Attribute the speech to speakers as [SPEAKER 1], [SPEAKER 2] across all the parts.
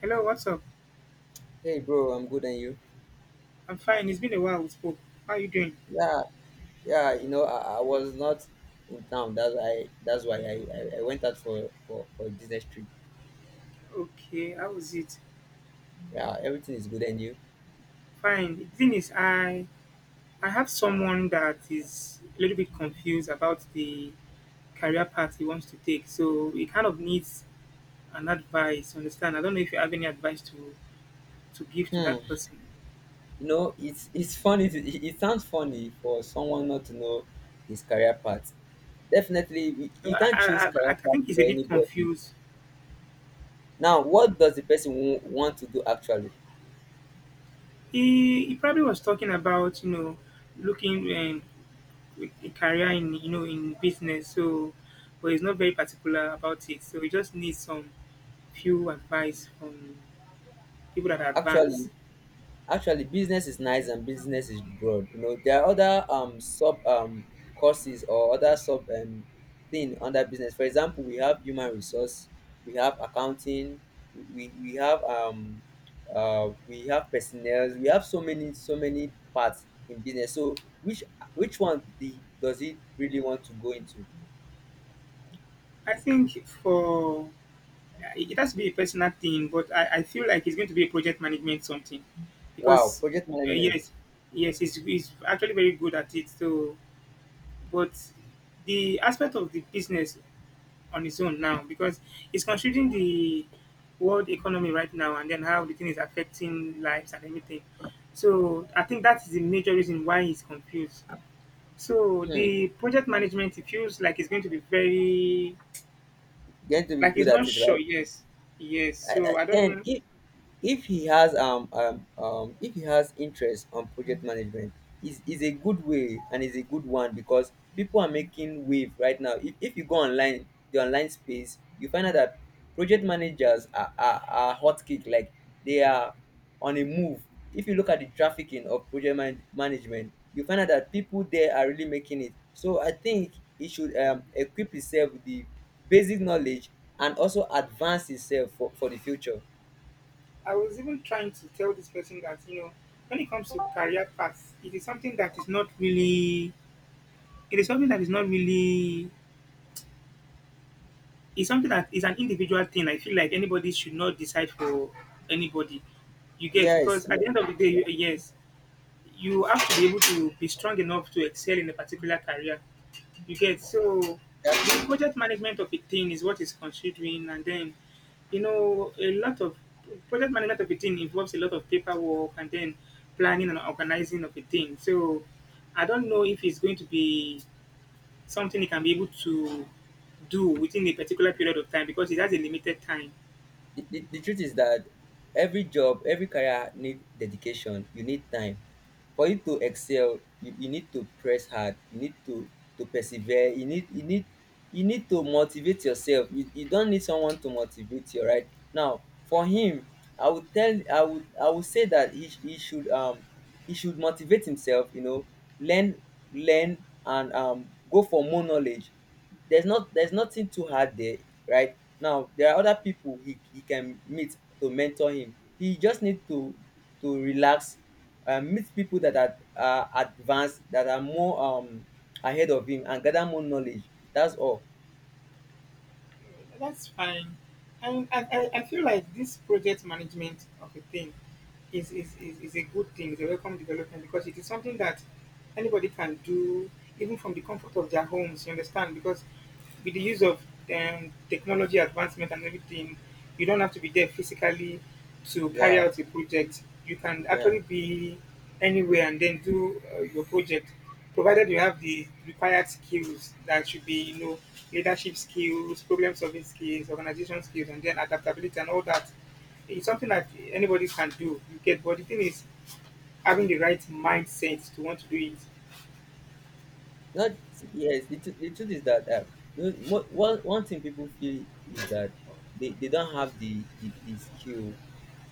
[SPEAKER 1] Hello, what's up?
[SPEAKER 2] Hey bro, I'm good and you?
[SPEAKER 1] I'm fine. It's been a while we spoke. How are you doing?
[SPEAKER 2] Yeah, yeah, you know, I was not in town. That's why I went out for a business trip.
[SPEAKER 1] Okay, how was it?
[SPEAKER 2] Yeah, everything is good and you.
[SPEAKER 1] Fine. The thing is, I have someone that is a little bit confused about the career path he wants to take, so he kind of needs an advice. Understand? I don't know if you have any advice to give to that
[SPEAKER 2] Hmm.
[SPEAKER 1] person.
[SPEAKER 2] You know, it's funny it sounds funny for someone not to know his career path. Definitely
[SPEAKER 1] I
[SPEAKER 2] you can't choose
[SPEAKER 1] I, I
[SPEAKER 2] career
[SPEAKER 1] I
[SPEAKER 2] path
[SPEAKER 1] think he's
[SPEAKER 2] for
[SPEAKER 1] a bit
[SPEAKER 2] anybody.
[SPEAKER 1] confused.
[SPEAKER 2] Now, what does the person want to do actually?
[SPEAKER 1] He probably was talking about, you know, looking and a career in, you know, in business, so but he's not very particular about it, so he just needs some few advice from people that are
[SPEAKER 2] Actually,
[SPEAKER 1] advanced.
[SPEAKER 2] Actually, business is nice and business is broad. You know, there are other sub courses or other sub thing under business. For example, we have human resource, we have accounting, we have we have personnel, we have so many parts in business. So which which one the does it really want to go into?
[SPEAKER 1] I think for it has to be a personal thing, but I feel like it's going to be a project management something
[SPEAKER 2] Wow,
[SPEAKER 1] because
[SPEAKER 2] project management.
[SPEAKER 1] yes, yes, he's actually very good at it, so but the aspect of the business on its own now because it's considering the world economy right now and then how the thing is affecting lives and everything. So I think that is the major reason why he's confused. So
[SPEAKER 2] Hmm, you
[SPEAKER 1] the project management, it feels like it's going to be very,
[SPEAKER 2] Going to be
[SPEAKER 1] like
[SPEAKER 2] good
[SPEAKER 1] it's
[SPEAKER 2] at
[SPEAKER 1] not
[SPEAKER 2] it, right?
[SPEAKER 1] sure. Yes, yes. So I don't
[SPEAKER 2] Then
[SPEAKER 1] know.
[SPEAKER 2] if he has interest on project management is a good way and is a good one because people are making wave right now if you go online the online space you find out that project managers are hot kick like they are on a move if you look at the trafficking of management you find out that people there are really making it. So I think he should equip himself with the basic knowledge and also advance himself for the future.
[SPEAKER 1] I was even trying to tell this person that, you know, when it comes to career paths, it is something that is not really, it is something that is not really it's something that is an individual thing. I feel like anybody should not decide for anybody. You get
[SPEAKER 2] Yes,
[SPEAKER 1] because
[SPEAKER 2] you
[SPEAKER 1] at
[SPEAKER 2] know,
[SPEAKER 1] the end of the day,
[SPEAKER 2] yeah,
[SPEAKER 1] you, yes, you have to be able to be strong enough to excel in a particular career. You get so
[SPEAKER 2] that's
[SPEAKER 1] the
[SPEAKER 2] true.
[SPEAKER 1] project management of a thing is what is considering, and then, you know, a lot of project management of a thing involves a lot of paperwork and then planning and organizing of a thing. So I don't know if it's going to be something you can be able to do within a particular period of time because it has a limited time.
[SPEAKER 2] The truth is that every job, every career need dedication. You need time. For you to excel, you need to press hard. You need to persevere. You need to motivate yourself. You don't need someone to motivate you, right? Now, for him, I would tell I would say that he should motivate himself, you know, learn learn and go for more knowledge. There's nothing too hard there, right? Now there are other people he can meet to mentor him. He just need to relax and meet people that are advanced, that are more ahead of him, and gather more knowledge. That's all.
[SPEAKER 1] That's fine. And I feel like this project management of a thing is a good thing, it's a welcome development because it is something that anybody can do even from the comfort of their homes, you understand? Because with the use of technology advancement and everything, you don't have to be there physically to carry
[SPEAKER 2] Yeah
[SPEAKER 1] out a project. You can
[SPEAKER 2] yeah
[SPEAKER 1] actually be anywhere and then do your project, provided you have the required skills that should be, you know, leadership skills, problem solving skills, organization skills, and then adaptability and all that. It's something that anybody can do. You get, but the thing is, having the right mindset to want to do it.
[SPEAKER 2] not Yes, the truth is that one thing people feel is that they don't have the skill.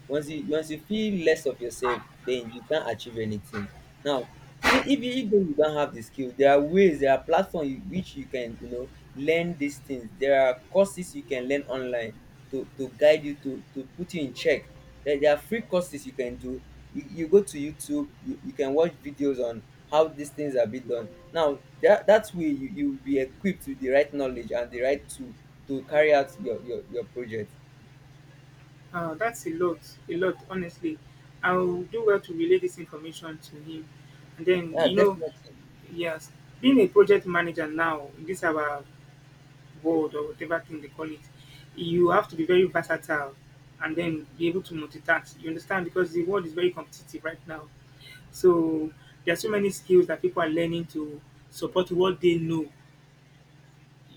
[SPEAKER 2] Once you feel less of yourself, then you can't achieve anything. Now, see, if you even you don't have the skill, there are ways, there are platforms which you can, you know, learn these things. There are courses you can learn online to guide you to put you in check. There are free courses you can do. You go to YouTube, you can watch videos on how these things are being done. Now, that that way you will be equipped with the right knowledge and the right tool to carry out your project.
[SPEAKER 1] That's a lot, honestly. I will do well to relay this information to him, and then
[SPEAKER 2] Yeah,
[SPEAKER 1] you know,
[SPEAKER 2] definitely.
[SPEAKER 1] yes, being a project manager now, in this our board or whatever thing they call it, you have to be very versatile and then be able to multitask. You understand? Because the world is very competitive right now. So there are so many skills that people are learning to support what they know.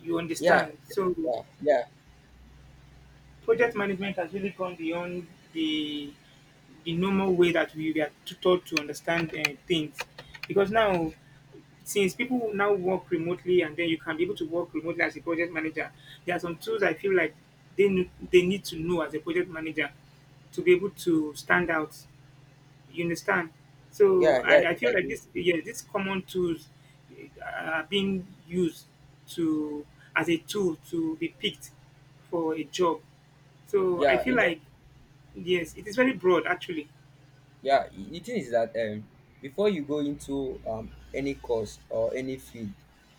[SPEAKER 1] You
[SPEAKER 2] Yeah,
[SPEAKER 1] understand? So
[SPEAKER 2] yeah, yeah,
[SPEAKER 1] project management has really gone beyond the the normal way that we were taught to understand things. Because now since people now work remotely and then you can be able to work remotely as a project manager, there are some tools I feel like they need to know as a project manager to be able to stand out. You understand? So
[SPEAKER 2] yeah.
[SPEAKER 1] I feel
[SPEAKER 2] I
[SPEAKER 1] like
[SPEAKER 2] do.
[SPEAKER 1] this yes, these common tools are being used to as a tool to be picked for a job. So I
[SPEAKER 2] Yeah,
[SPEAKER 1] feel
[SPEAKER 2] you know,
[SPEAKER 1] like yes, it is very broad actually.
[SPEAKER 2] the thing is that before you go into any course or any field,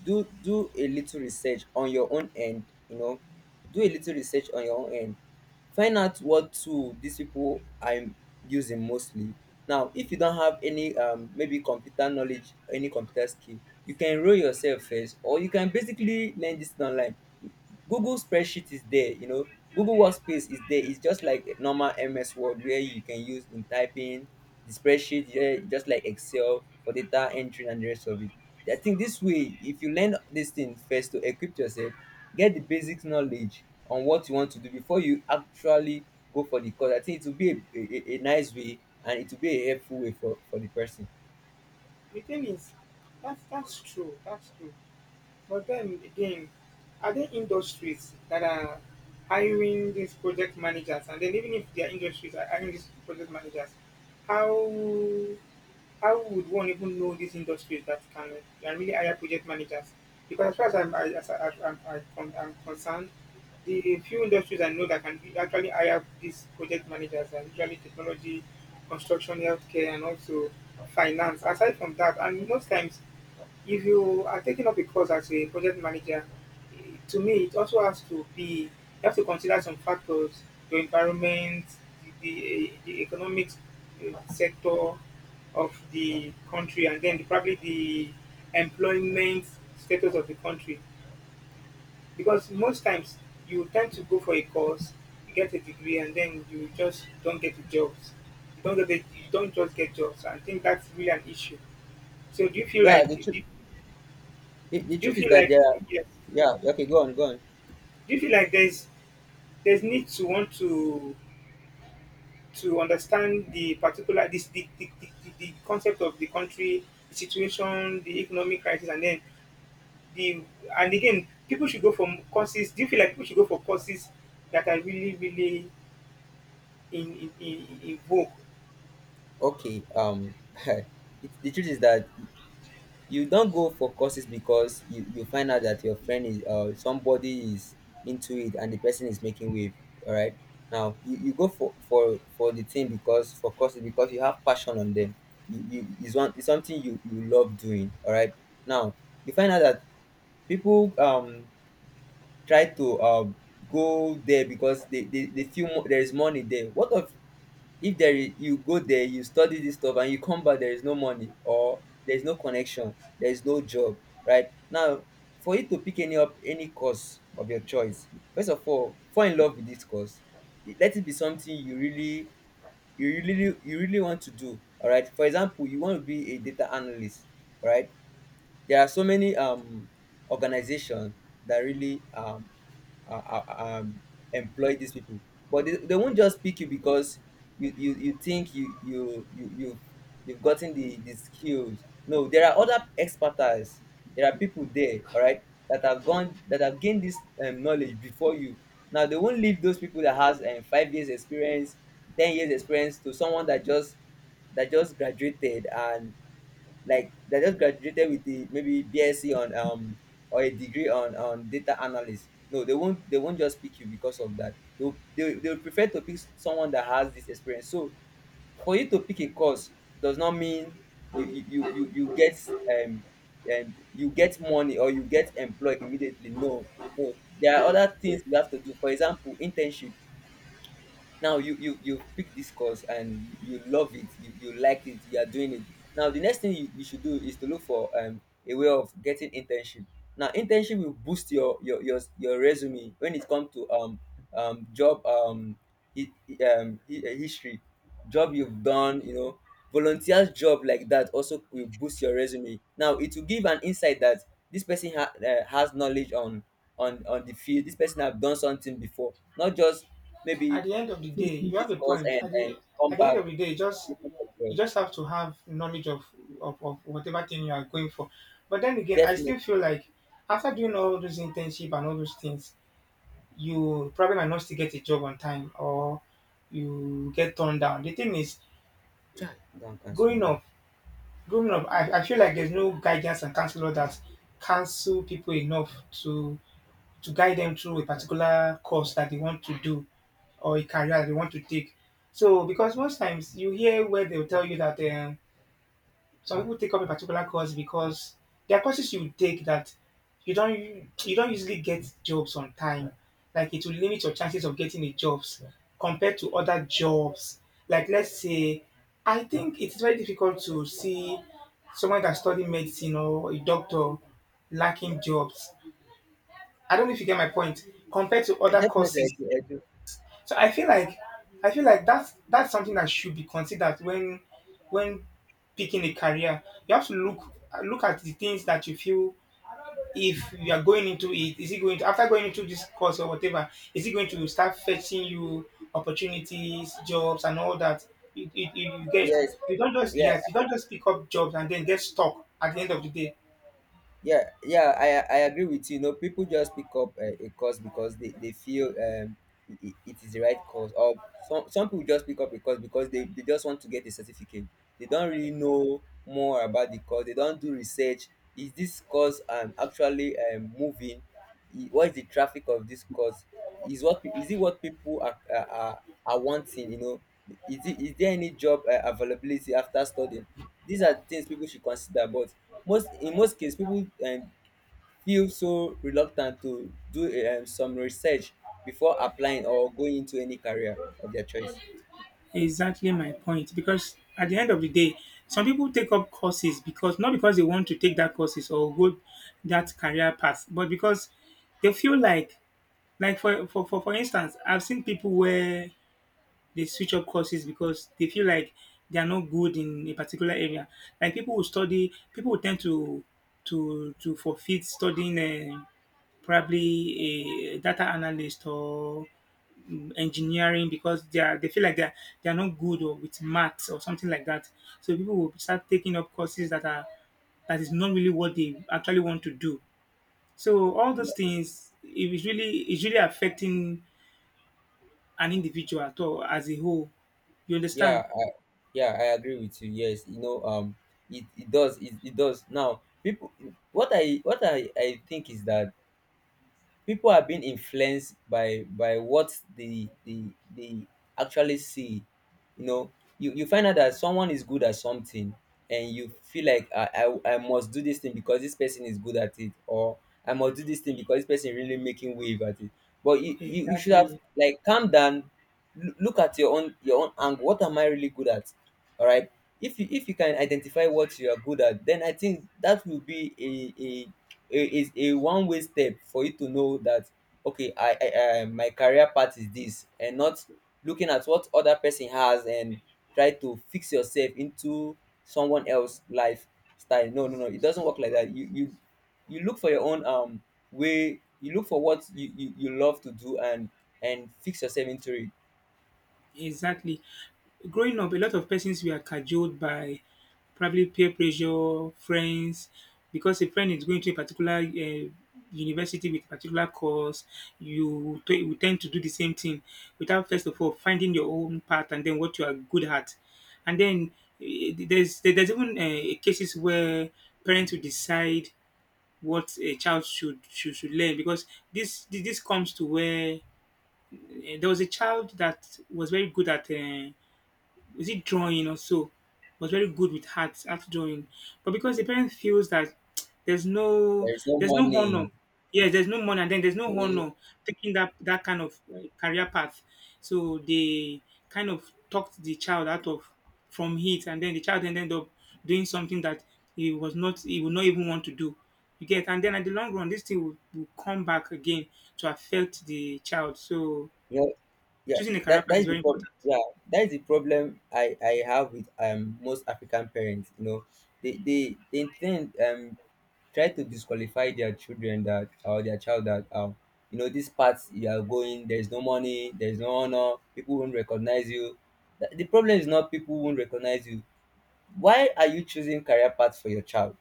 [SPEAKER 2] do a little research on your own end, you know. Do a little research on your own end. Find out what tool these people are using mostly. Now, if you don't have any maybe computer knowledge, any computer skill, you can enroll yourself first, or you can basically learn this thing online. Google spreadsheet is there, you know. Google workspace is there. It's just like normal MS Word where you can use in typing the spreadsheet, yeah, just like Excel for data entry and the rest of it. I think this way, if you learn this thing first to equip yourself, get the basic knowledge on what you want to do before you actually go for the course, I think it will be a nice way, and it will be a helpful way for the person.
[SPEAKER 1] The thing is that's true. That's true. But then again, are there industries that are hiring these project managers? And then even if their industries are hiring these project managers, how how would one even know these industries that can really hire project managers? Because as far as I'm, I, as I'm, I, con- I'm concerned, the few industries I know that actually hire these project managers are usually technology, construction, healthcare, and also finance. Aside from that, and most times if you are taking up a course as a project manager, eh, to me, it also has to be, you have to consider some factors your environment, the economic sector of the country, and then probably the employment status of the country. Because most times you tend to go for a course, you get a degree, and then you just don't get the jobs. You don't get the, you don't just get jobs. I think that's really an issue. So
[SPEAKER 2] Yeah the truth The
[SPEAKER 1] do you
[SPEAKER 2] truth is
[SPEAKER 1] feel
[SPEAKER 2] that
[SPEAKER 1] like
[SPEAKER 2] there are—
[SPEAKER 1] yes?
[SPEAKER 2] yeah, okay, go on.
[SPEAKER 1] Do you feel like there's need to want to understand the particular this the concept of the country, the situation, the economic crisis, and then the and again people should go for courses. Do you feel like people should go for courses that are really really in vogue?
[SPEAKER 2] Okay, it, the truth is that you don't go for courses because you find out that your friend is somebody is into it and the person is making wave, all right? Now you go for courses because you have passion on them. You It's one it's something you you love doing, all right? Now you find out that people try to go there because they feel there is money there. What of if there is— you go there, you study this stuff and you come back, there is no money, or there is no connection, there is no job, right? Now, for you to pick any course of your choice, first of all, fall in love with this course. Let it be something you really— you really want to do, all right? For example, you want to be a data analyst, all right? There are so many organizations that really uh, uh, um, employ these people. But they won't just pick you because you think you've gotten the skills. No, there are other expertise, there are people there, all right, that have gained this knowledge before you. Now they won't leave those people that has 5 years experience, 10 years experience, to someone that just graduated, and like they just graduated with the maybe BSc on or a degree on data analyst. No, they won't just pick you because of that. They will prefer to pick someone that has this experience. So for you to pick a course does not mean you get um and you get money or you get employed immediately. No, no, there are other things you have to do. For example, internship. Now you pick this course and you love it, you liked it, you are doing it. Now the next thing you should do is to look for a way of getting internship. Now internship will boost your resume when it comes to job hi- history, job you've done, you know. Volunteers job like that also will boost your resume. Now it will give an insight that this person has knowledge on the field. This person have done something before, not just
[SPEAKER 1] At
[SPEAKER 2] maybe
[SPEAKER 1] the end of the day
[SPEAKER 2] finishing
[SPEAKER 1] you have
[SPEAKER 2] this
[SPEAKER 1] a
[SPEAKER 2] course
[SPEAKER 1] point
[SPEAKER 2] and come
[SPEAKER 1] at the end
[SPEAKER 2] back
[SPEAKER 1] of the day
[SPEAKER 2] looking for
[SPEAKER 1] you
[SPEAKER 2] job.
[SPEAKER 1] just have to have knowledge of, of whatever thing you are going for, but then again I
[SPEAKER 2] Definitely,
[SPEAKER 1] still feel like after doing all those internship and all those things you probably might not still get a job on time or you get turned down. The thing is,
[SPEAKER 2] don't cancel
[SPEAKER 1] growing
[SPEAKER 2] you.
[SPEAKER 1] up growing up I feel like there's no guidance and counselor that counsel people enough to to guide them through a particular course that they want to do or a career that they want to take. So, because most times you hear where they'll tell you that some people take up a particular course because there are courses you take that you don't you don't usually get jobs on time. Like it will limit your chances of getting a jobs compared to other jobs. Like let's say, I think it's very difficult to see someone that study medicine or a doctor lacking jobs. I don't know if you get my point, compared to other
[SPEAKER 2] Definitely, I
[SPEAKER 1] courses.
[SPEAKER 2] do. I do.
[SPEAKER 1] So I feel like that's something that should be considered when picking a career. You have to look at the things that you feel if you are going into it, is it going to after going into this course or whatever, is it going to start fetching you opportunities, jobs and all that? You get,
[SPEAKER 2] Yes,
[SPEAKER 1] you don't just
[SPEAKER 2] yeah.
[SPEAKER 1] yes you don't just pick up jobs and then get stuck at the end of the day.
[SPEAKER 2] yeah yeah I agree with you, you know. People just pick up a course because they feel it is the right course, or some people just pick up a course because they just want to get a certificate. They don't really know more about the course, they don't do research. Is this course actually moving? What is the traffic of this course? Is what is it what people are wanting, you know? Is it— is there any job availability after studying? These are things people should consider. But most cases, people feel so reluctant to do some research before applying or going into any career of their choice.
[SPEAKER 1] Exactly my point. Because at the end of the day, some people take up courses because not because they want to take that courses or go that career path, but because they feel like for instance, I've seen people where they switch up courses because they feel like they are not good in a particular area. Like people who study, people who tend to to forfeit studying uh, probably a data analyst or engineering because they feel like they're not good or with maths or something like that. So people will start taking up courses that are that is not really what they actually want to do. So all
[SPEAKER 2] yeah
[SPEAKER 1] those things it is really affecting an individual at all as a whole. You
[SPEAKER 2] yeah
[SPEAKER 1] understand?
[SPEAKER 2] I, yeah I agree with you, yes, you know. It it does. Now, people— what I think is that people are being influenced by what they actually see, you know. You find out that someone is good at something and you feel like, I must do this thing because this person is good at it, or I must do this thing because this person really making wave at it. But you should have,
[SPEAKER 1] Exactly.
[SPEAKER 2] like, calm down. Look at your own angle. What am I really good at, all right? If you can identify what you are good at, then I think that will be a one way step for you to know that, okay, I— my career path is this, and not looking at what other person has and try to fix yourself into someone else lifestyle. No, no, no, it doesn't work like that. You look for your own way. You look for what you love to do, and fix yourself into it.
[SPEAKER 1] Exactly. Growing up, a lot of persons were cajoled by probably peer pressure, friends, because a friend is going to a particular university with a particular course, you tend to do the same thing without first of all finding your own path and then what you are good at. And then there's even cases where parents will decide what a child should learn because this comes to where there was a child that was very good at. Was it drawing or so, was very good with art art drawing, but because the parent feels that there's no
[SPEAKER 2] There is no
[SPEAKER 1] there's no honor,
[SPEAKER 2] money
[SPEAKER 1] yes there's no money and then there's
[SPEAKER 2] eh,
[SPEAKER 1] no
[SPEAKER 2] you
[SPEAKER 1] honor taking that that kind of career path, so they kind of talked the child out of from it, and then the child ended up doing something that he was not he would not even want to do. You get, and then at the long run this thing will come back again to affect the child, so
[SPEAKER 2] know Yeah,
[SPEAKER 1] choosing a career
[SPEAKER 2] that
[SPEAKER 1] path
[SPEAKER 2] that
[SPEAKER 1] is
[SPEAKER 2] is the
[SPEAKER 1] very
[SPEAKER 2] problem.
[SPEAKER 1] important.
[SPEAKER 2] Yeah, that is the problem I have with most African parents. You know, they tend try to disqualify their children that— or their child that, you know, this path you are going there is no money, there is no honor, people won't recognize you. The problem is not people won't recognize you. Why are you choosing career path for your child?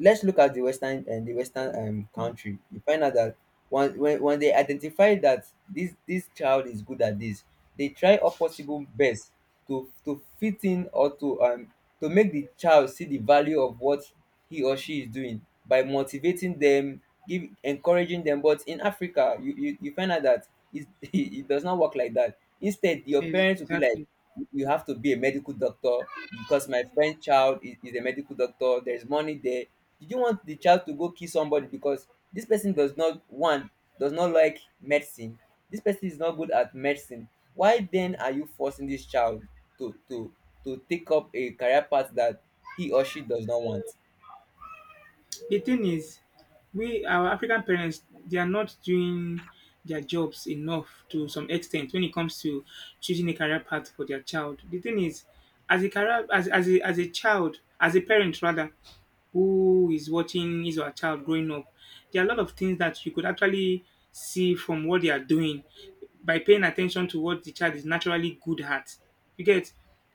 [SPEAKER 2] Let's look at the western— and the western country. You find out that when they identify that this child is good at this, they try all possible best to fit in, or to make the child see the value of what he or she is doing by motivating them, give encouraging them. But in Africa, you find out that it does not work like that. Instead, your
[SPEAKER 1] Yes,
[SPEAKER 2] parents will be like,
[SPEAKER 1] exactly.
[SPEAKER 2] you have to be a medical doctor because my friend child is a medical doctor, there's money there. Did you want the child to go kill somebody? Because this person does not one does not like medicine, this person is not good at medicine. Why then are you forcing this child to to to take up a career path that he or she does not want?
[SPEAKER 1] The thing is, we our African parents they are not doing their jobs enough to some extent when it comes to choosing a career path for their child. The thing is, as a career as a child, as a parent rather, who is watching his or her child growing up. There are a lot of things that you could actually see from what they are doing by paying attention to what the child is naturally good at. You get,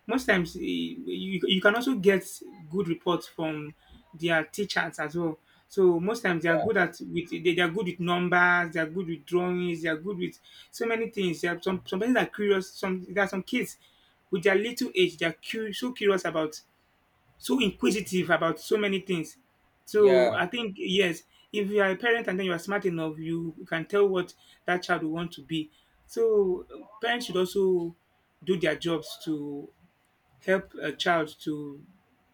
[SPEAKER 1] most times you can also get good reports from their teachers as well. So most times they are good at with they are good with numbers, they are good with drawings, they are good with so many things. There are some parents are curious. Some there are some kids with their little age, they are curious, so curious about so inquisitive about so many things. So
[SPEAKER 2] yeah
[SPEAKER 1] I think yes, if you are a parent and then you are smart enough, you can tell what that child will want to be. So parents should also do their jobs to help a child to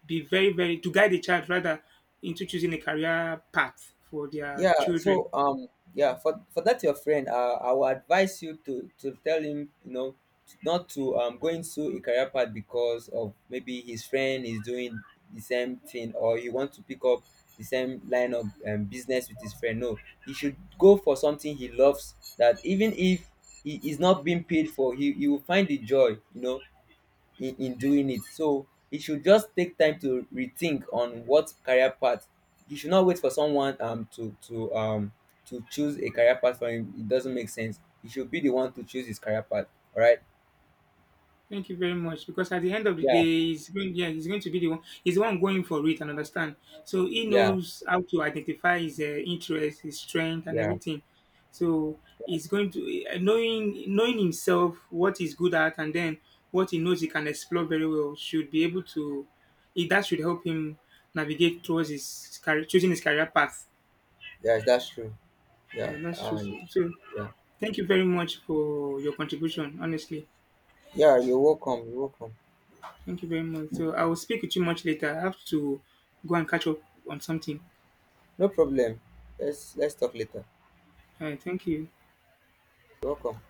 [SPEAKER 1] be very very to guide a child rather into choosing a career path for their
[SPEAKER 2] Yeah,
[SPEAKER 1] children.
[SPEAKER 2] so yeah, for that your friend, I will advise you to tell him, you know, not to go into a career path because of maybe his friend is doing the same thing, or he wants to pick up the same line of business with his friend. No, he should go for something he loves, that even if he is not being paid for, he will find the joy, you know, in doing it. So it should just take time to rethink on what career path. You should not wait for someone to to choose a career path for him. It doesn't make sense. You should be the one to choose his career path. All right.
[SPEAKER 1] Thank you very much. Because at the end of the
[SPEAKER 2] Yeah.
[SPEAKER 1] day, he's going, yeah, he's going to be the one. He's the one going for it and understand. So he
[SPEAKER 2] Yeah.
[SPEAKER 1] knows how to identify his interest, his strength, and
[SPEAKER 2] Yeah.
[SPEAKER 1] everything. So he's going to knowing himself what he's good at, and then what he knows he can explore very well should be able to. It, that should help him navigate towards his career, choosing his career path.
[SPEAKER 2] Yeah. That's true.
[SPEAKER 1] Yeah,
[SPEAKER 2] Yeah.
[SPEAKER 1] that's true. So
[SPEAKER 2] And
[SPEAKER 1] so
[SPEAKER 2] yeah.
[SPEAKER 1] thank you very much for your contribution. Honestly.
[SPEAKER 2] Yeah. You're welcome. You're welcome.
[SPEAKER 1] Thank you very much. So I will speak with you much later. I have to go and catch up on something.
[SPEAKER 2] No problem. Let's talk later.
[SPEAKER 1] All right. Thank you.
[SPEAKER 2] You're welcome.